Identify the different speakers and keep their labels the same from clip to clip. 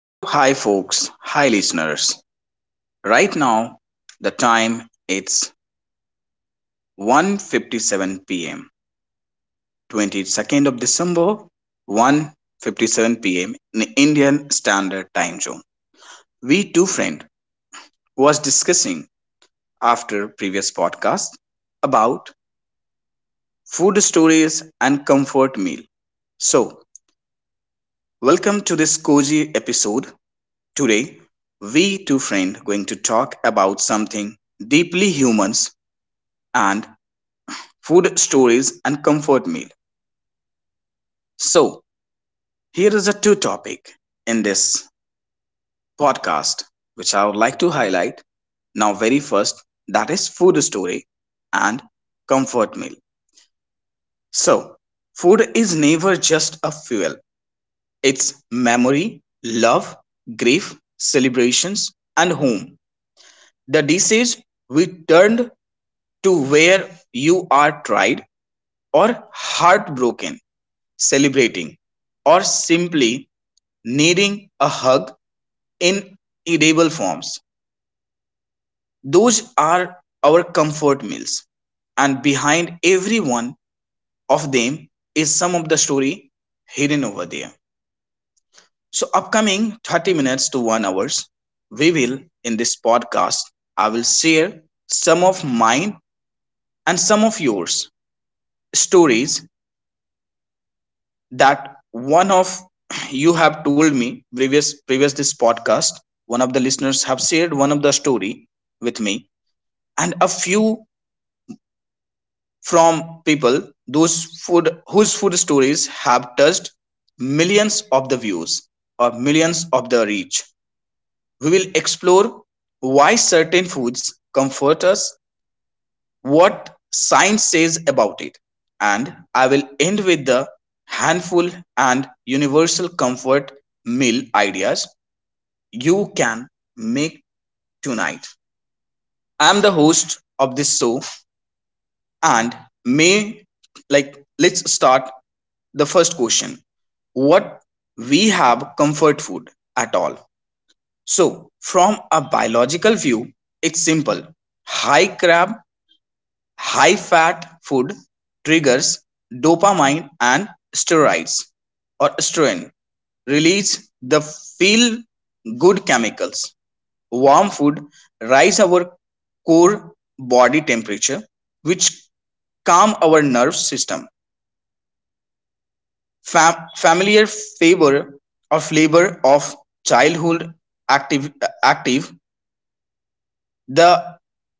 Speaker 1: Hello, hi folks, hi listeners. Right now, the time it's 1:57 p.m., 22nd of December, 1:57 p.m. in Indian Standard Time Zone. We two friend was discussing after previous podcast about food stories and comfort meal. So, welcome to this cozy episode. Today, we two friend going to talk about something deeply humans and food stories and comfort meal. So, here is a two topic in this podcast which I would like to highlight. Now, very first that is food story and comfort meal. So, food is never just a fuel. It's memory, love, grief, celebrations and home. The dishes we turned to where you are tried or heartbroken, celebrating, or simply needing a hug in edible forms. Those are our comfort meals. And behind every one of them is some of the story hidden over there. So, upcoming 30 minutes to 1 hours, we will, in this podcast, I will share some of mine and some of yours stories that one of you have told me previous this podcast, one of the listeners have shared one of the story with me and a few from people those food whose food stories have touched millions of the views or millions of the reach. We will explore why certain foods comfort us, what science says about it, and I will end with the handful and universal comfort meal ideas you can make tonight. I'm the host of this show, and may like let's start the first question what we have comfort food at all. So from a biological view it's simple: high crab, high fat food triggers dopamine and steroids or estrogen release, the feel good chemicals. Warm food rise our core body temperature which calm our nerve system. Familiar favor or flavor of childhood active, active the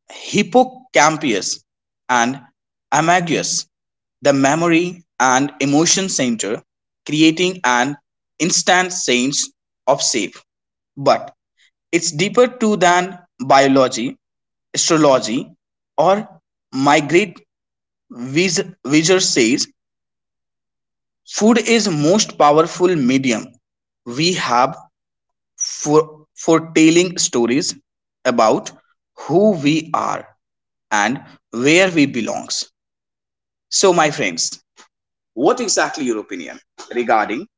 Speaker 1: hippocampus and amagus, the memory and emotion center, creating an instant sense of safe. But it's deeper too than biology, astrology or migrate. Visor says food is most powerful medium we have for foretelling stories about who we are and where we belongs. So my friends, what exactly your opinion regarding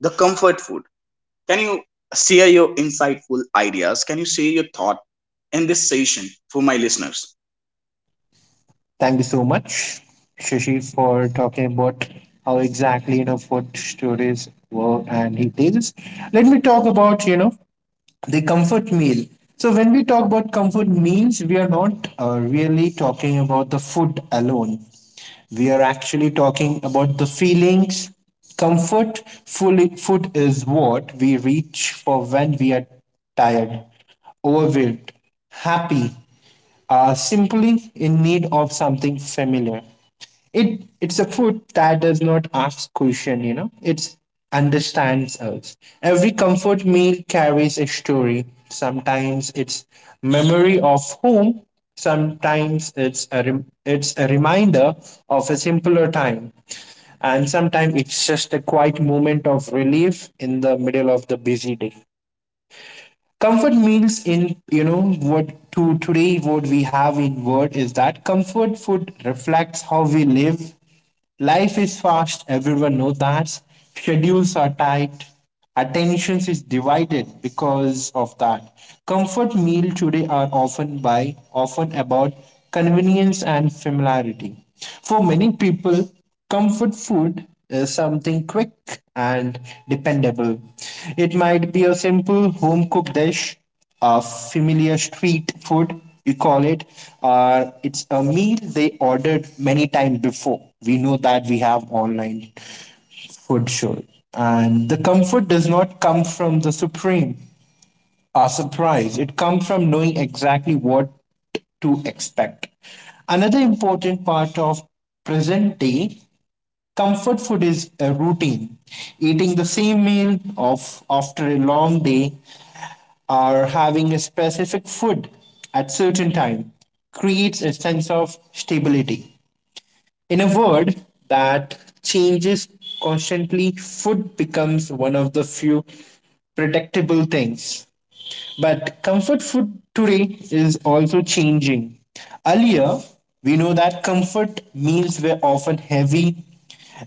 Speaker 1: the comfort food? Can you share your insightful ideas? Can you share your thought in this session for my listeners?
Speaker 2: Thank you so much, Shashi, for talking about how exactly food stories work and details. Let me talk about the comfort meal. So when we talk about comfort meals, we are not really talking about the food alone. We are actually talking about the feelings. Comfort fully food is what we reach for when we are tired, overwhelmed, happy, are simply in need of something familiar. It's a food that does not ask question. It understands us. Every comfort meal carries a story. Sometimes it's memory of home. Sometimes it's a it's a reminder of a simpler time. And sometimes it's just a quiet moment of relief in the middle of the busy day. Comfort meals in, what to today, what we have in word is that comfort food reflects how we live. Life is fast, everyone knows that. Schedules are tight, attentions is divided. Because of that, comfort meal today are often by often about convenience and familiarity. For many people, comfort food is something quick and dependable. It might be a simple home cooked dish, a familiar street food, we call it, or it's a meal they ordered many times before. We know that we have online food show. And the comfort does not come from the supreme or surprise, it comes from knowing exactly what to expect. Another important part of present day comfort food is a routine. Eating the same meal of after a long day or having a specific food at certain time creates a sense of stability. In a world that changes constantly, food becomes one of the few predictable things. But comfort food today is also changing. Earlier, we know that comfort meals were often heavy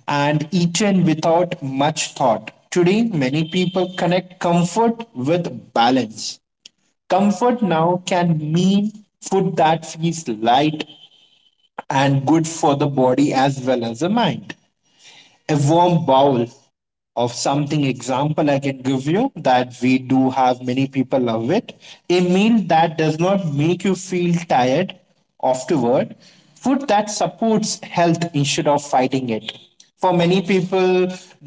Speaker 2: and eaten without much thought. Today, many people connect comfort with balance. Comfort now can mean food that feels light and good for the body as well as the mind, a warm bowl of something, example I can give you that we do have, many people love it, a meal that does not make you feel tired afterward, food that supports health instead of fighting it. For many people,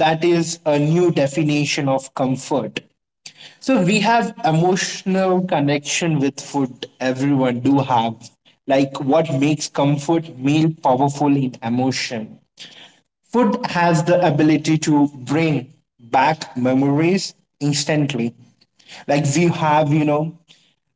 Speaker 2: that is a new definition of comfort. So we have emotional connection with food, everyone do have, like what makes comfort meal powerful in emotion. Food has the ability to bring back memories instantly. Like we have, you know,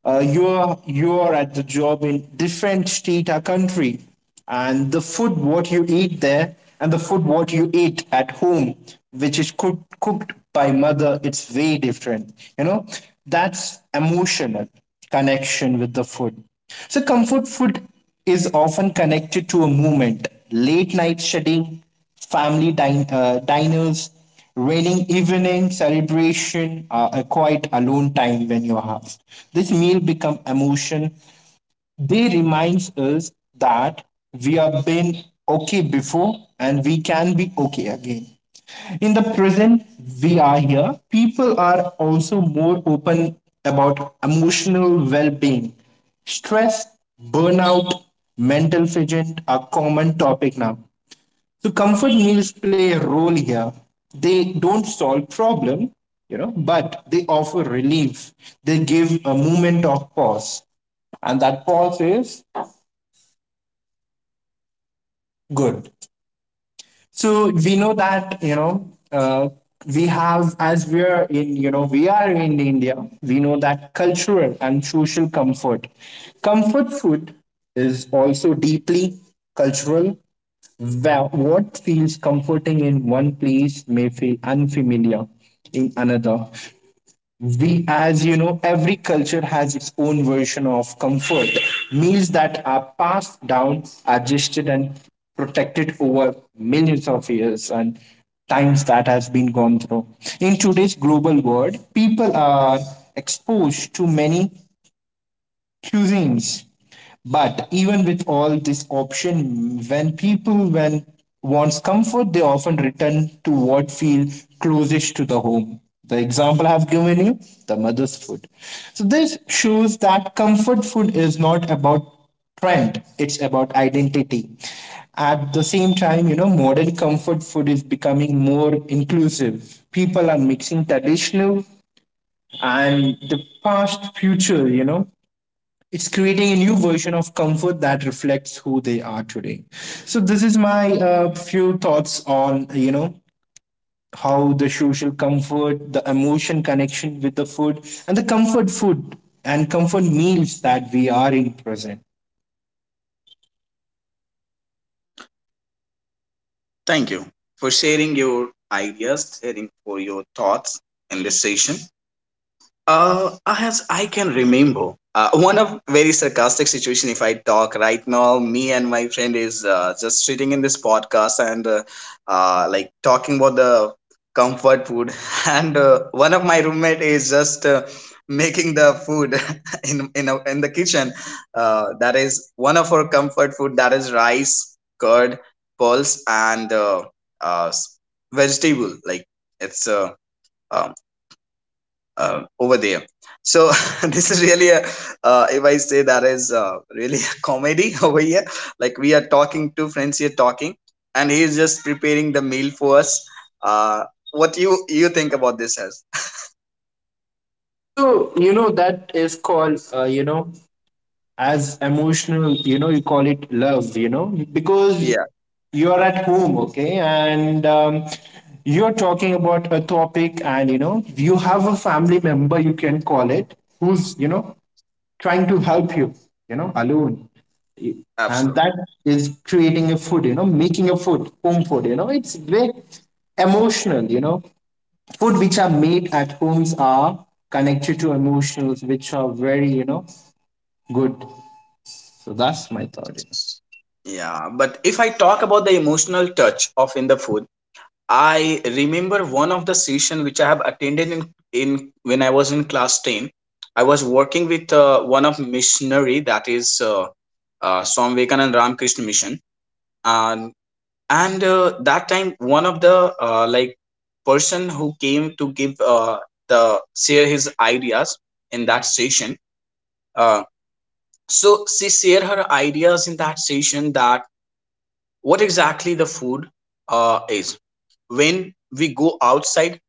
Speaker 2: uh, you're at the job in different state or country, and the food what you eat there and the food what you eat at home, which is cooked by mother, it's way different. You know, that's emotional connection with the food. So comfort food is often connected to a moment, late night studying, family diners, raining evening celebration, a quiet alone time when you have. This meal become emotion. They reminds us that we have been okay before and we can be okay again. In the present, we are here. People are also more open about emotional well-being. Stress, burnout, mental fidget are common topic now. So comfort meals play a role here. They don't solve problem, but they offer relief. They give a moment of pause, and that pause is good. So we know that we have, as we are in, we are in India. We know that cultural and social comfort, comfort food is also deeply cultural. Wow, what feels comforting in one place may feel unfamiliar in another. We, as you know, every culture has its own version of comfort. Meals that are passed down, adjusted, and protected over millions of years and times that has been gone through. In today's global world, people are exposed to many cuisines. But even with all this option, when people when wants comfort, they often return to what feel closest to the home. The example I have given you, the mother's food. So this shows that comfort food is not about trend, it's about identity. At the same time, you know, modern comfort food is becoming more inclusive. People are mixing traditional and the past future, you know, it's creating a new version of comfort that reflects who they are today. So this is my few thoughts on, how the social comfort, the emotion connection with the food and the comfort food and comfort meals that we are in present.
Speaker 1: Thank you for sharing your ideas, sharing for your thoughts in this session. As I can remember, one of very sarcastic situation. If I talk right now, me and my friend is just sitting in this podcast and like talking about the comfort food, and one of my roommate is just making the food in in the kitchen. That is one of our comfort food. That is rice, curd, pulse, and uh, s- vegetable. Like it's uh, over there. So this is really if I say that is really a comedy over here. Like we are talking, two friends here talking, and he is just preparing the meal for us. Uh, what you think about this as?
Speaker 2: So you know that is called, as emotional, you know, you call it love, you know, because
Speaker 1: Yeah,
Speaker 2: you're at home, okay, and you're talking about a topic, and you know you have a family member you can call it, who's, you know, trying to help you, you know, alone. And
Speaker 1: absolutely.
Speaker 2: that is creating a food, you know, making a food, home food, you know, it's very emotional, you know, food which are made at homes are connected to emotions, which are very, you know, good. So that's my thought. You know.
Speaker 1: Yeah, but if I talk about the emotional touch of in the food, I remember one of the session which I have attended in when I was in class 10. I was working with one of missionary that is. Swami Vivekanand Ramakrishna Mission. And, and that time, one of the like person who came to give the share his ideas in that session. Uh, so she shared her ideas in that session, that what exactly the food is. When we go outside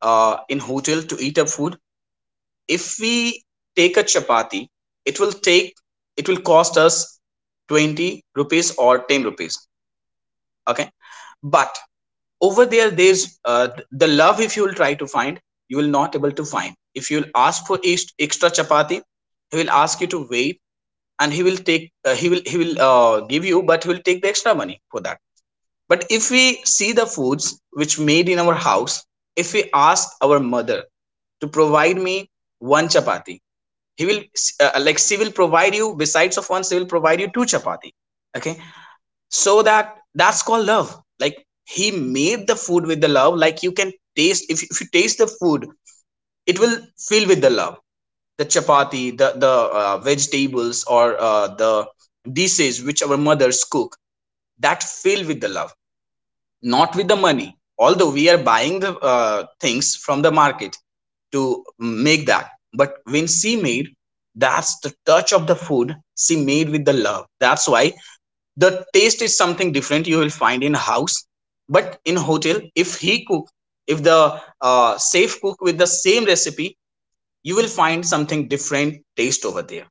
Speaker 1: in hotel to eat up food, if we take a chapati, it will take it will cost us 20 rupees or 10 rupees, okay? But over there there's the love, if you'll try to find you will not able to find. If you'll ask for extra chapati he will ask you to wait, and he will take he will give you, but he will take the extra money for that. But if we see the foods which made in our house, if we ask our mother to provide me one chapati, he will like she will provide you, besides of one she will provide you two chapati, okay? So that, that's called love. Like he made the food with the love. Like you can taste, if you taste the food it will fill with the love. The chapati, the vegetables, or the dishes which our mothers cook, that fill with the love, not with the money. Although we are buying the things from the market to make that, but when she made, that's the touch of the food. She made with the love, that's why the taste is something different you will find in house. But in hotel if he cook, if the safe cook with the same recipe, you will find something different taste over there.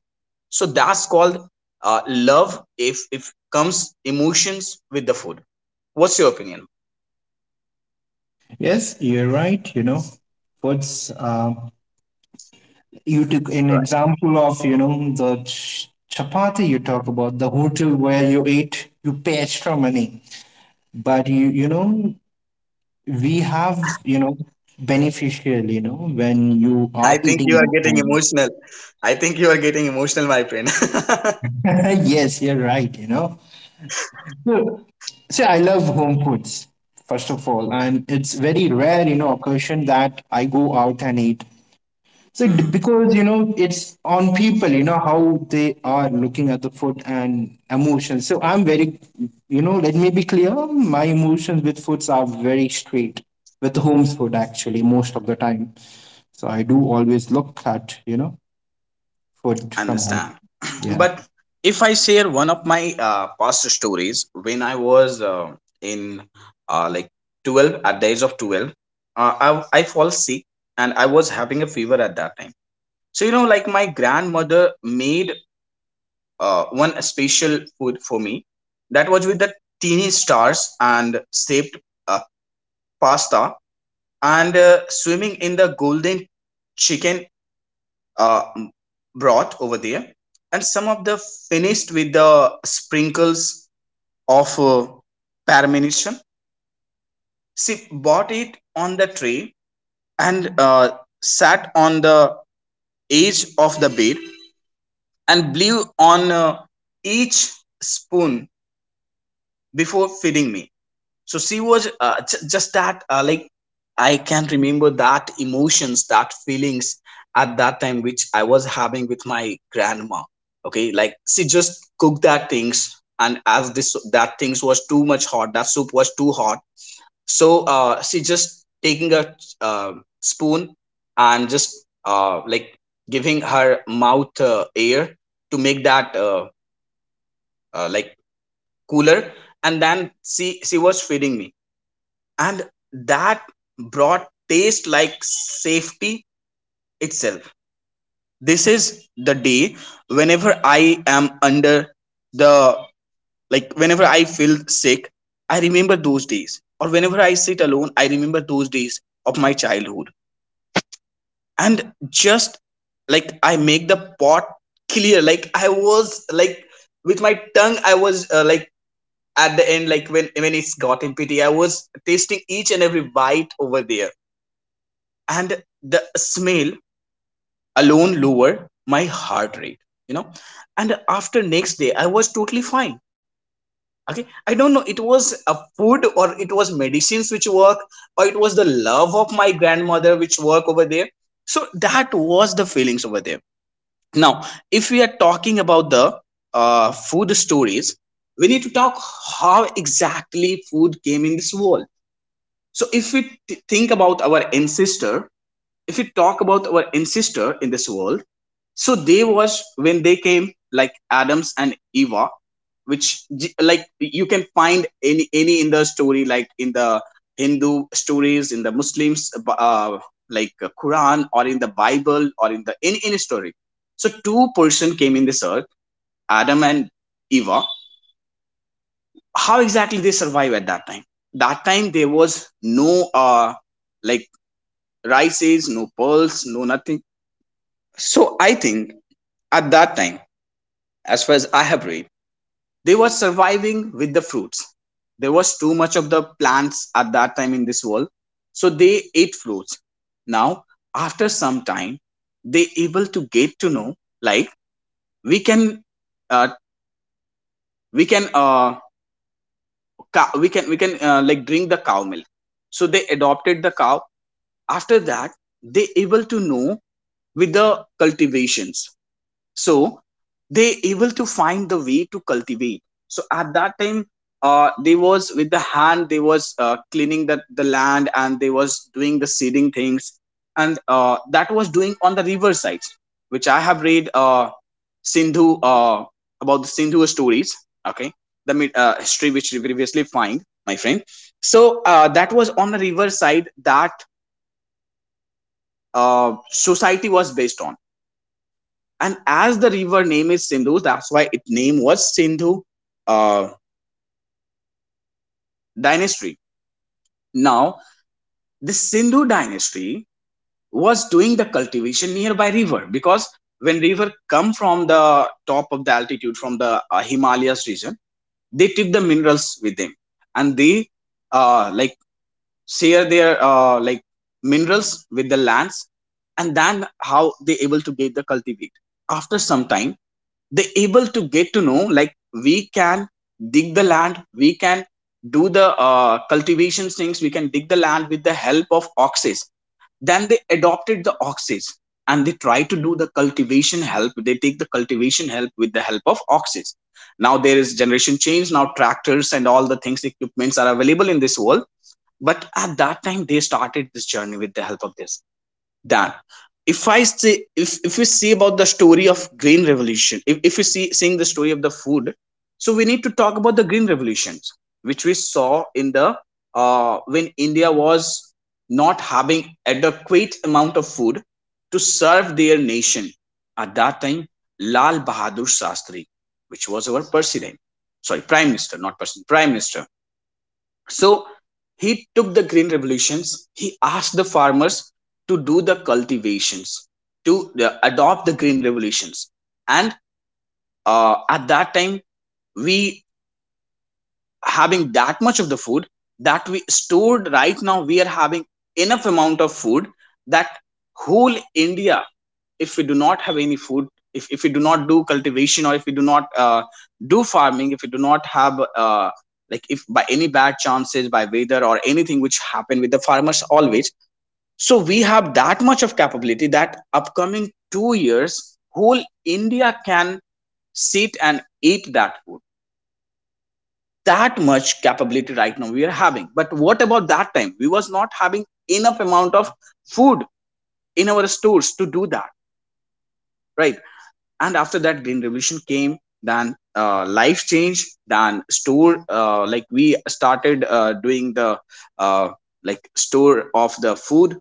Speaker 1: So that's called love, if comes emotions with the food. What's your opinion?
Speaker 2: Yes, you're right. You know, what's you took an
Speaker 1: Right.
Speaker 2: example of, you know, the chapati, you talk about the hotel where you ate, you pay extra money, but you know, we have, you know, beneficial, you know, when you are
Speaker 1: I think
Speaker 2: eating
Speaker 1: you are
Speaker 2: at
Speaker 1: getting
Speaker 2: home.
Speaker 1: emotional. I think you are getting emotional, my friend.
Speaker 2: Yes, you're right. You know, so see, I love home foods first of all, and it's very rare, you know, occasion that I go out and eat. So
Speaker 1: Mhm.
Speaker 2: because you know it's on people, you know how they are looking at the food and emotions. So I'm very, you know, let me be clear. My emotions with foods are very straight with home food actually most of the time. So I do always look at, you know, food from home.
Speaker 1: Understand.
Speaker 2: Yeah.
Speaker 1: But if I share one of my past stories, when I was in like 12, at the age of 12, I fall sick and I was having a fever at that time. So you know, like, my grandmother made one special food for me. That was with the teeny stars and shaped uh, pasta, and swimming in the golden chicken uh, brought over there, and some of the finished with the sprinkles of parmesan. She bought it on the tray and sat on the edge of the bed and blew on each spoon before feeding me. So she was just that like, I can remember that emotions, that feelings at that time which I was having with my grandma. Okay, like she just cooked that things, and as this that things was too much hot, that soup was too hot. So she just taking a spoon and just like giving her mouth air to make that like cooler, and then she was feeding me. And that brought taste like safety itself. This is the day, whenever I am under the like, whenever I feel sick, I remember those days. Or whenever I sit alone, I remember those days of my childhood. And just like I make the pot clear. Like I was like, with my tongue I was like at the end, like when it's got in pity I was tasting each and every bite over there. And the smell alone lowered my heart rate, you know. And after next day I was totally fine. Okay, I don't know it was a food or it was medicines which work, or it was the love of my grandmother which work over there. So that was the feelings over there. Now, if we are talking about the food stories, we need to talk how exactly food came in this world. So if we think about our ancestor, if we talk about our ancestor in this world, so they was when they came, like Adams and Eva, which like you can find any in the story, like in the Hindu stories, in the Muslims like Quran, or in the Bible, or in the any story. So two-person came in this earth, Adam and Eva. How exactly they survive at that time? That time there was no like rices, no pearls, no nothing. So I think at that time, as far as I have read, they were surviving with the fruits. There was too much of the plants at that time in this world, so they ate fruits. Now, after some time, they able to get to know, like we can, uh, we can, uh, cow, we can like drink the cow milk. So they adopted the cow. After that, they able to know with the cultivations. So they able to find the way to cultivate. So at that time they was with the hand, they was cleaning the land, and they was doing the seeding things. And that was doing on the river sides, which I have read, Sindhu, about the Sindhu stories, okay? The history which we previously find, my friend. So that was on the river side that society was based on. And as the river name is Sindhu, that's why its name was Sindhu uh, dynasty. Now, the Sindhu dynasty was doing the cultivation nearby river because when river come from the top of the altitude from the Himalayas region, they took the minerals with them and they uh, like share their minerals with the lands, and then how they able to get the cultivate. After some time they able to get to know, like, we can dig the land, we can do the cultivation things, we can dig the land with the help of oxes. Then they adopted the oxes and they try to do the cultivation help, they take the cultivation help with the help of oxes. Now there is generation change, now tractors and all the things equipments are available in this world, but at that time they started this journey with the help of this. Than if I say, if we see about the story of green revolution, if we see seeing the story of the food, so we need to talk about the green revolutions which we saw in the, when India was not having adequate amount of food to serve their nation. At that time Lal Bahadur Shastri, which was our president, sorry, prime minister, not president, prime minister. So he took the green revolutions. He asked the farmers to do the cultivations, to adopt the green revolutions. And at that time, we having that much of the food that we stored. Right now we are having enough amount of food that whole India, if we do not have any food, if we do not do cultivation, or if we do not do farming, if we do not have like, if by any bad chances by weather or anything which happen with the farmers always, so we have that much of capability that upcoming 2 years whole India can sit and eat that food. That much capability right now we are having, but what about that time, we was not having enough amount of food in our stores to do that, right? And after that green revolution came, then life changed, then store, we started doing the uh, store of the food.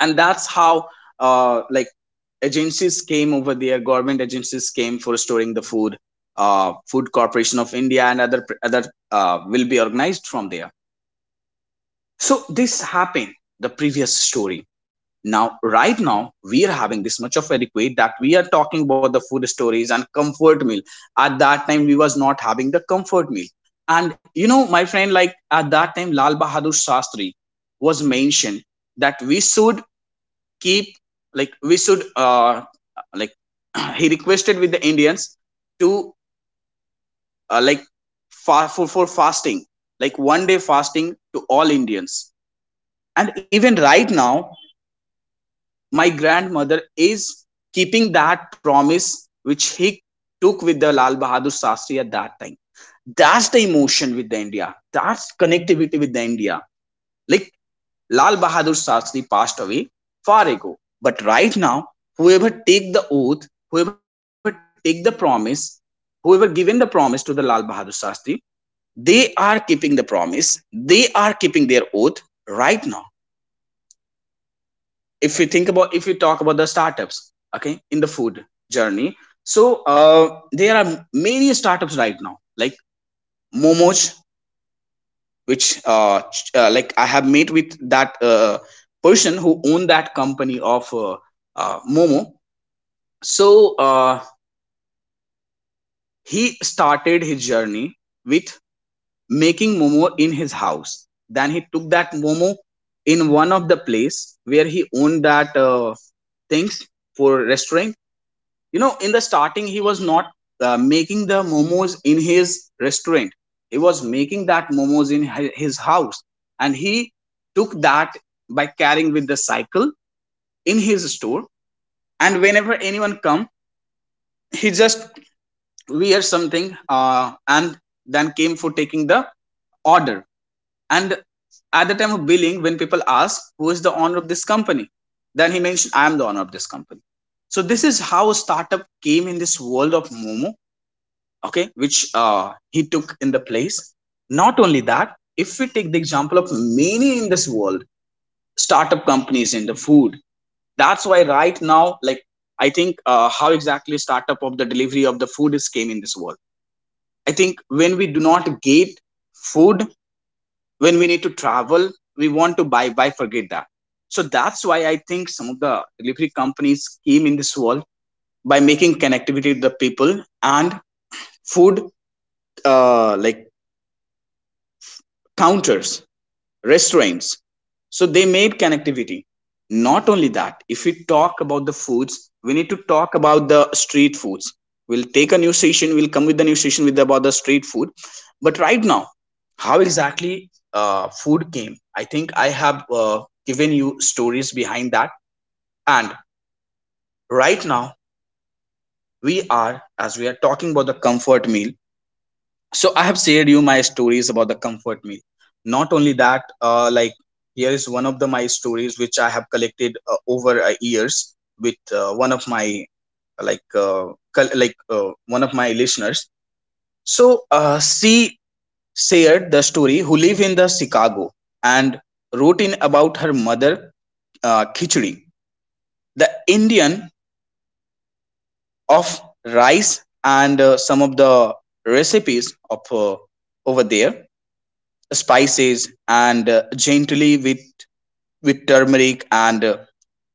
Speaker 1: And that's how uh, like agencies came over there, government agencies came for storing the food, Food Corporation of India and other will be organized from there. So this happened the previous story. Now, right now, we are having this much of adequate that we are talking about the food stories and comfort meal. At that time, we was not having the comfort meal. And you know, my friend, like at that time, Lal Bahadur Shastri was mentioned that we should keep, like we should, like he requested with the Indians to uh, like for fasting, like 1 day fasting to all Indians. And even right now, my grandmother is keeping that promise which he took with the Lal Bahadur Shastri at that time. That's the emotion with the India. That's connectivity with the India. Like Lal Bahadur Shastri passed away far ago. But right now, whoever take the oath, whoever take the promise, whoever given the promise to the Lal Bahadur Shastri, they are keeping the promise. They are keeping their oath right now. If we think about, if we about the startups, okay, in the food journey, so there are many startups right now like Momoj, which I have met with that person who owned that company of momo. So uh, he started his journey with making momo in his house, then he took that momo in one of the place where he owned that things for restaurant. You know, in the starting he was not making the momos in his restaurant, he was making that momos in his house. And he took that by carrying with the cycle in his store. And whenever anyone come, he just wear something and then came for taking the order. And at the time of billing when people ask who is the owner of this company, then he mentioned I am the owner of this company. So this is how startup came in this world of momo, okay, which he took in the place. Not only that, if we take the example of many in this world startup companies in the food. That's why right now, like, I think how exactly startup of the delivery of the food is came in this world. I think when we do not get food, when we need to travel, we want to buy forget that. So that's why I think some of the delivery companies came in this world by making connectivity with the people and food uh, like counters, restaurants. So they made connectivity. Not only that, if we talk about the foods, we need to talk about the street foods. We'll take a new session. We'll come with the new session with about the street food. But right now, how exactly food came? I think I have given you stories behind that. And right now, we are, as we are talking about the comfort meal, so I have shared you my stories about the comfort meal. Not only that, here is one of the my stories which I have collected over years with one of my, like one of my listeners. So she shared the story, who live in the Chicago and wrote in about her mother khichdi, the Indian, of rice and some of the recipes of over there, spices and gently with turmeric and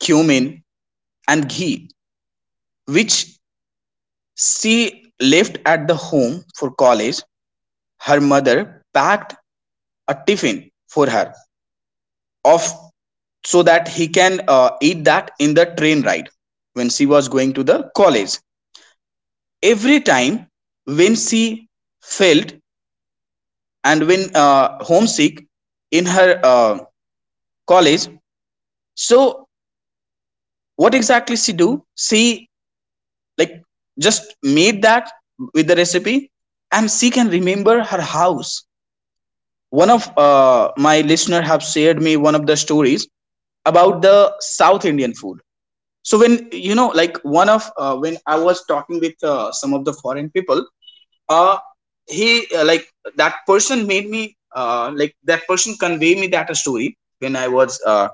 Speaker 1: cumin and ghee, which she left at the home for college. Her mother packed a tiffin for her, of, so that he can eat that in the train ride when she was going to the college. Every time when she felt and when homesick in her college, so what exactly she do, she, like, just made that with the recipe, and she can remember her house. One of my listener have shared me one of the stories about the South Indian food. So, when you know, like one of when I was talking with some of the foreign people, uh, he that person made me, that person convey me that a story when I was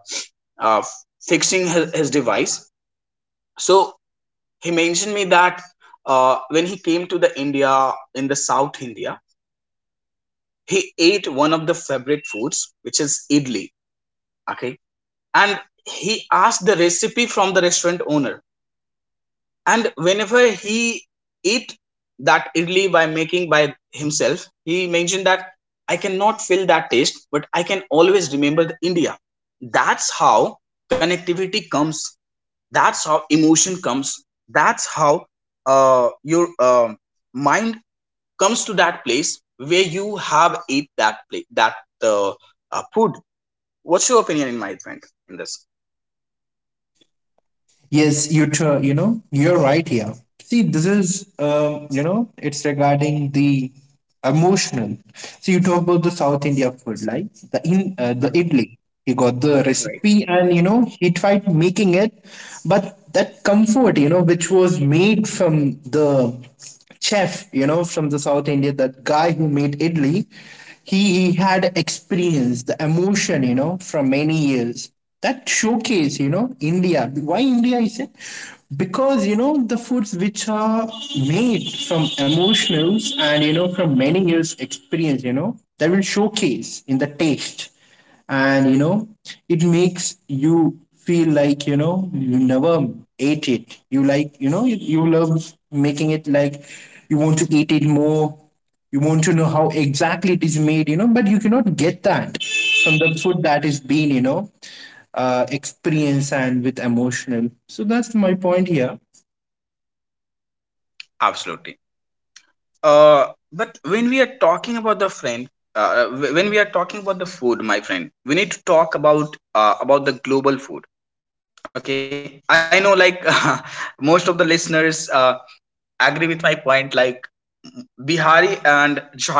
Speaker 1: uh, fixing his device. So he mentioned me that when he came to the India in the South India, he ate one of the favorite foods, which is idli. Okay, and he asked the recipe from the restaurant owner. And whenever he eat that idli by making by himself, he mentioned that I cannot feel that taste, but I can always remember the India. That's how connectivity comes. That's how emotion comes. That's how your mind comes to that place where you have ate that plate, that uh, food. What's your opinion in my friend in this?
Speaker 2: Yes, you know you're right here. See, this is you know it's regarding the emotional. So you talk about the South India food, like the in the idli. He got the recipe, and you know he tried making it, but that comfort, you know, which was made from the chef, you know, from the South India, that guy who made idli, he had experience the emotion, you know, from many years that showcase, you know, india. Why india I say? Because you know the foods which are made from emotionals and you know from many years experience, you know, that will showcase in the taste. And you know it makes you feel like, you know, you never ate it, you like, you know, you love making it, like you want to eat it more, you want to know how exactly it is made, you know, but you cannot get that from the food that is being, you know, experience and with emotional. So that's my point here.
Speaker 1: Absolutely. uh, but when we are talking about the friend, when we are talking about the food, my friend, we need to talk about the global food. Okay, I know, like, most of the listeners agree with my point. Like Bihari and Jharkhand,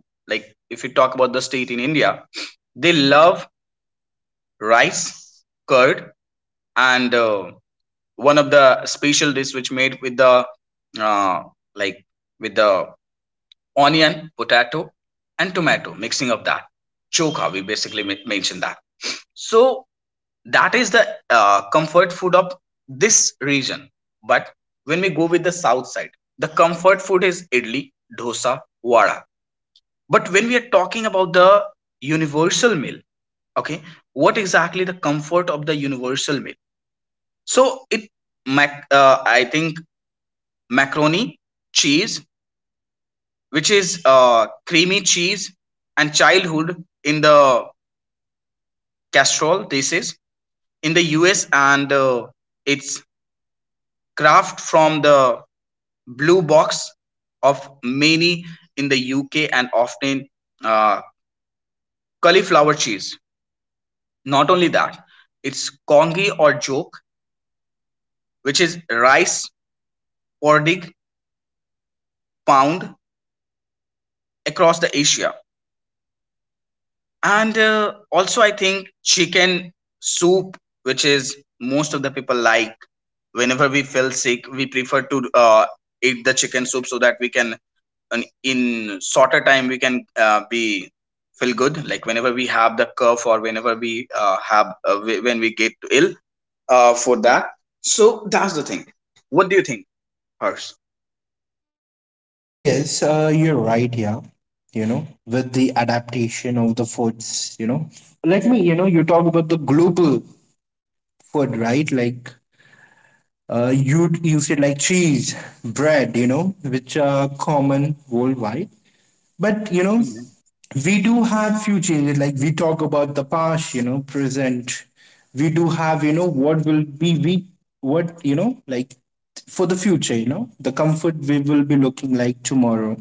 Speaker 1: like, if you talk about the state in India, they love rice, curd, and one of the special dish which made with the uh, like with the onion, potato and tomato, mixing of that, chokha we basically mentioned that. So that is the comfort food of this region. But when we go with the south side, the comfort food is idli, dosa, vada. But when we are talking about the universal meal, okay, what exactly the comfort of the universal meal? So it, I think macaroni cheese, which is creamy cheese, and childhood in the casserole. This is in the U.S. and it's craft from the blue box of many in the U.K. and often uh, cauliflower cheese. Not only that, it's kongi or joke, which is rice porridge pound across the Asia. And also, I think chicken soup, which is most of the people like. Whenever we feel sick, we prefer to eat the chicken soup so that we can, in shorter time, we can be feel good. Like whenever we have the cough or whenever we have when we get ill for that. So that's the thing. What do you think, Hers?
Speaker 2: Yes, you're right here. You know, with the adaptation of the foods, you know, let me, you know, you talk about the global food, right? Like, you said like cheese, bread, you know, which are common worldwide. But you know,
Speaker 1: Mhm.
Speaker 2: we do have few changes. Like we talk about the past, you know, present. We do have, you know, what will be we, what you know, like, for the future, you know, the comfort we will be looking like tomorrow.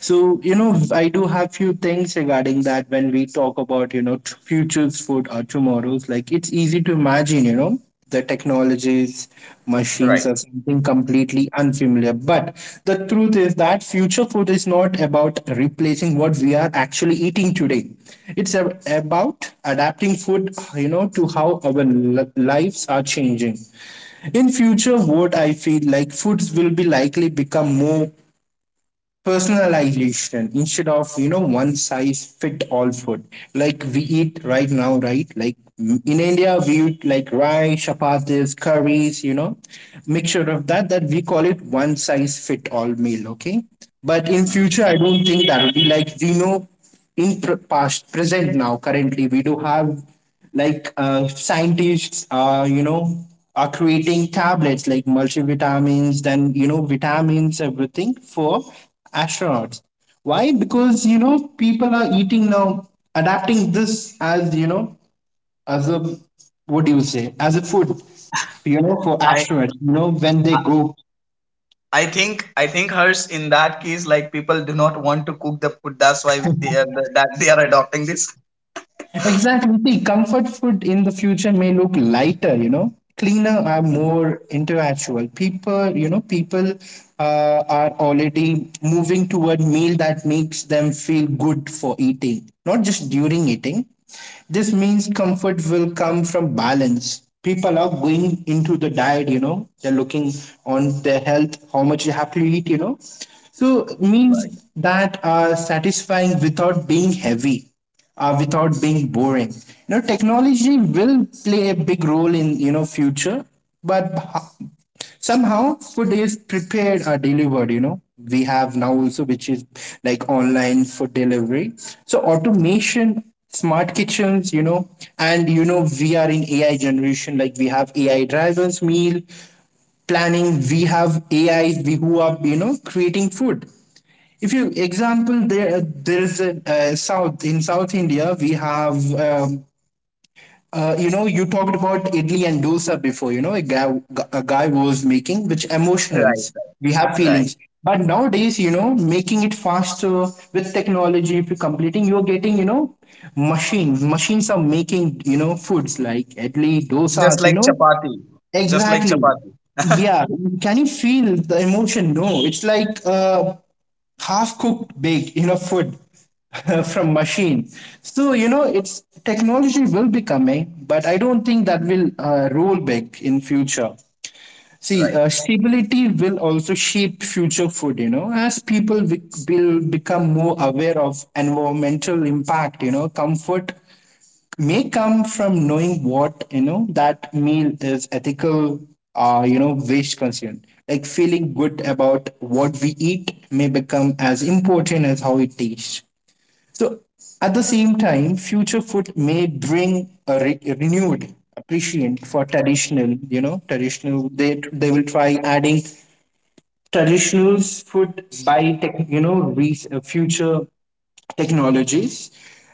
Speaker 2: So, you know, I do have few things regarding that when we talk about, you know, futures food or tomorrow's, like it's easy to imagine, you know, the technologies, machines,
Speaker 1: Right.
Speaker 2: or something completely unfamiliar. But the truth is that future food is not about replacing what we are actually eating today. About adapting food, you know, to how our lives are changing. In future, what I feel like foods will be likely become more personalization instead of, you know, one size fit all food, like we eat right now, right? Like in india, we eat like rice chapatis curries, you know, mixture of that, that we call it one size fit all meal, okay? But in future
Speaker 1: Mhm.
Speaker 2: I don't think that will be like we know. In past present now currently, we do have, like, scientists, you know, are creating tablets like multivitamins, then you know vitamins everything for astronauts. Why? Because you know people are eating now, adapting this as, you know, as a, what do you say, as a food, you know, for
Speaker 1: I
Speaker 2: astronauts, you know, when they go.
Speaker 1: I think, I think, Hers, in that case, like people do not want to cook the food. That's why they are, that they are adopting this.
Speaker 2: Exactly. See, comfort food in the future may look lighter, you know, cleaner are more interactual. People, you know, people are already moving toward meal that makes them feel good for eating, not just during eating. This means comfort will come from balance. People are going into the diet, you know, they're looking on their health, how much you have to eat, you know. So
Speaker 1: Right,
Speaker 2: means that are satisfying without being heavy, without being boring. You know, technology will play a big role in, you know, future, but somehow food is prepared or delivered. You know, we have now also, which is like online food delivery. So automation, smart kitchens, you know, and you know we are in AI generation. Like we have AI drivers, meal planning. We have AIs we who are, you know, creating food. If you example, there is a, South India, we have, um, you know, you talked about idli and dosa before, you know, a guy was making which
Speaker 1: right,
Speaker 2: emotionals, we have
Speaker 1: right. Right.
Speaker 2: feelings, but nowadays, you know, making it faster with technology, if you're completing, you're getting, you know, machines are making, you know, foods like idli
Speaker 1: Just
Speaker 2: dosas, you
Speaker 1: like
Speaker 2: know.
Speaker 1: chapati, just like
Speaker 2: Exactly.
Speaker 1: chapati. Right,
Speaker 2: Yeah, can you feel the emotion? No, it's like half cooked bake, you know, food from machine. So you know it's technology will be coming, but I don't think that will rule back in future. See, stability will also shape future food, you know, as people will become more aware of environmental impact. You know, comfort may come from knowing what, you know, that meal is ethical, you know, waste concern. Like feeling good about what we eat may become as important as how it tastes. So at the same time, future food may bring a renewed appreciation for traditional, you know, traditional, they will try adding traditionals food by tech, you know, future technologies.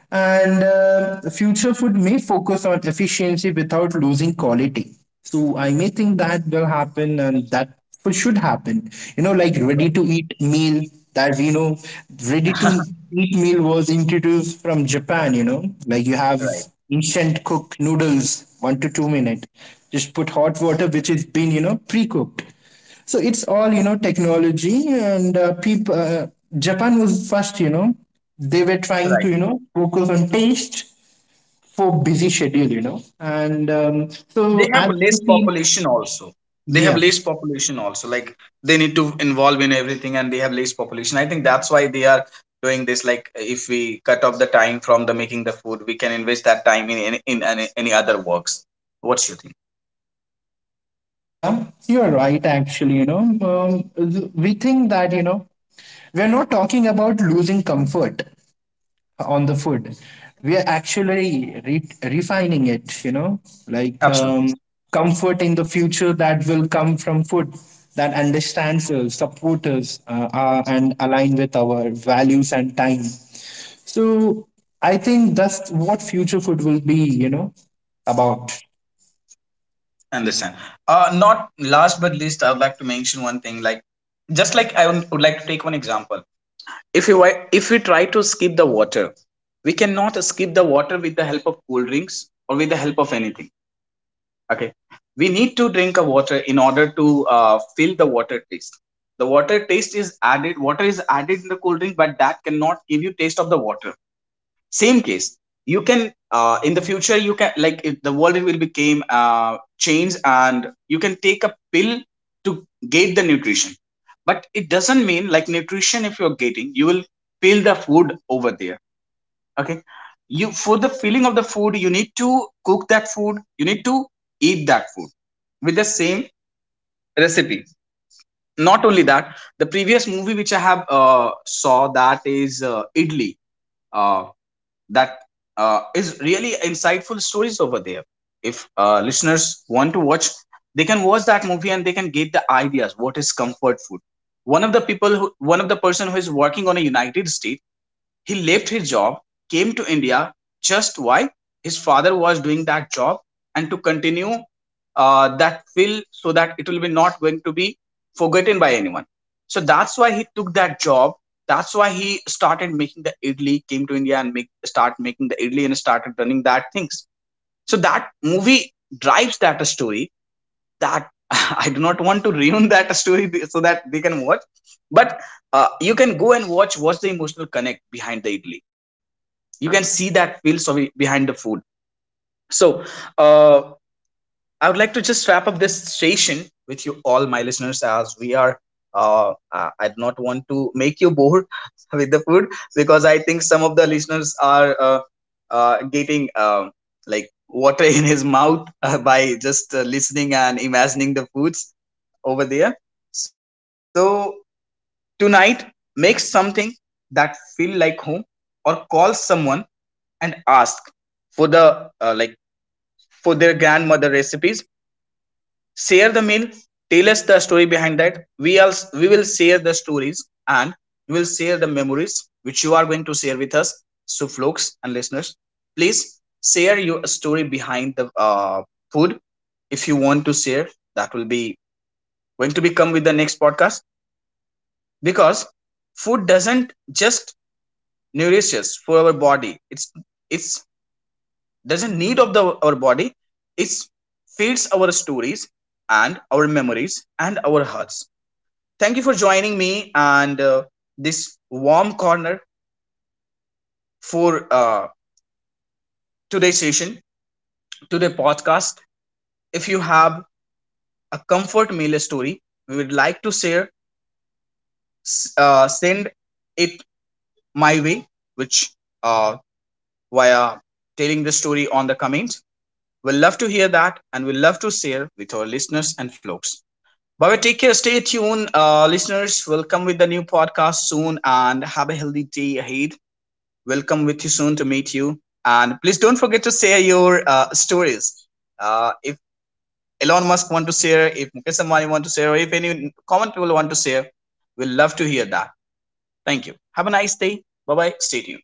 Speaker 2: And future food may focus on efficiency without losing quality. So I may think that will happen, and that food should happen, you know, like ready
Speaker 1: right,
Speaker 2: to eat meal, that we know ready to eat meal was introduced from Japan. You know, like you have
Speaker 1: right,
Speaker 2: instant cooked noodles 1 to 2 minute, just put hot water which has been, you know, pre-cooked. So it's all, you know, technology and people. Japan was first, you know, they were trying to, you
Speaker 1: right.
Speaker 2: know, focus on taste for busy schedule, you know, and
Speaker 1: They
Speaker 2: so
Speaker 1: have
Speaker 2: at the
Speaker 1: less
Speaker 2: same,
Speaker 1: population also. They have
Speaker 2: yeah,
Speaker 1: less population also. Like they need to involve in everything, and they have less population. I think that's why they are doing this. Like if we cut off the time from the making the food, we can invest that time in any, in any other works. What's your think?
Speaker 2: yeah, you're right. Actually, you know, we think that, you know, we're not talking about losing comfort on the food. We are actually refining it, you know, like,
Speaker 1: Absolutely.
Speaker 2: comfort in the future, that will come from food that understands us, support us, and align with our values and time. So I think that's what future food will be, you know, about.
Speaker 1: Understand. Not last but least, I would like to mention one thing. Like, just like I would like to take one example. If you wi- If we try to skip the water, we cannot skip the water with the help of cool drinks or with the help of anything. Okay, we need to drink a water in order to fill the water taste. The water taste is added. Water is added in the cool drink, but that cannot give you taste of the water. Same case, you can in the future, you can, like, if the world will become changed and you can take a pill to get the nutrition, but it doesn't mean like nutrition if you're getting, you will feel the food over there. Okay, you for the feeling of the food, you need to cook that food, you need to eat that food with the same recipe. Not only that, the previous movie which I have saw, that is idli. Uh, that Is really insightful stories over there. If listeners want to watch, they can watch that movie and they can get the ideas. What is comfort food? One of the person who is working on a United States, he left his job, came to India, just why his father was doing that job, and to continue that field so that it will be not going to be forgotten by anyone. So that's why he took that job. That's why he started making the idli, came to India and make start making the idli and started running that things. So that movie drives that story. That, I do not want to ruin that story so that they can watch, but you can go and watch what's the emotional connect behind the idli. You can see that feels of- behind the food. So uh, I would like to just wrap up this session with you all, my listeners, as we are uh, I do not want to make you bored with the food, because I think some of the listeners are getting like water in his mouth by just listening and imagining the foods over there. So tonight, make something that feel like home, or call someone and ask for the like for their grandmother recipes. Share the meal, tell us the story behind that. We also, we will share the stories, and we will share the memories which you are going to share with us. So folks and listeners, please share your story behind the food. If you want to share, that will be going to become with the next podcast, because food doesn't just nourish us for our body. It's doesn't need of the our body. It feeds our stories and our memories and our hearts. Thank you for joining me and this warm corner for uh, today's session, today podcast. If you have a comfort meal story, we would like to share, send it my way, which uh, via telling the story on the comment. We'll love to hear that and we'll love to share with our listeners and folks. Bye, take care, stay tuned, listeners. We'll come with the new podcast soon and have a healthy day ahead. We'll come with you soon to meet you. And please don't forget to share your stories. If Elon Musk want to share, if Mukesh Ambani want to share, or if any common people want to share, we'll love to hear that. Thank you. Have a nice day. Bye bye. Stay tuned.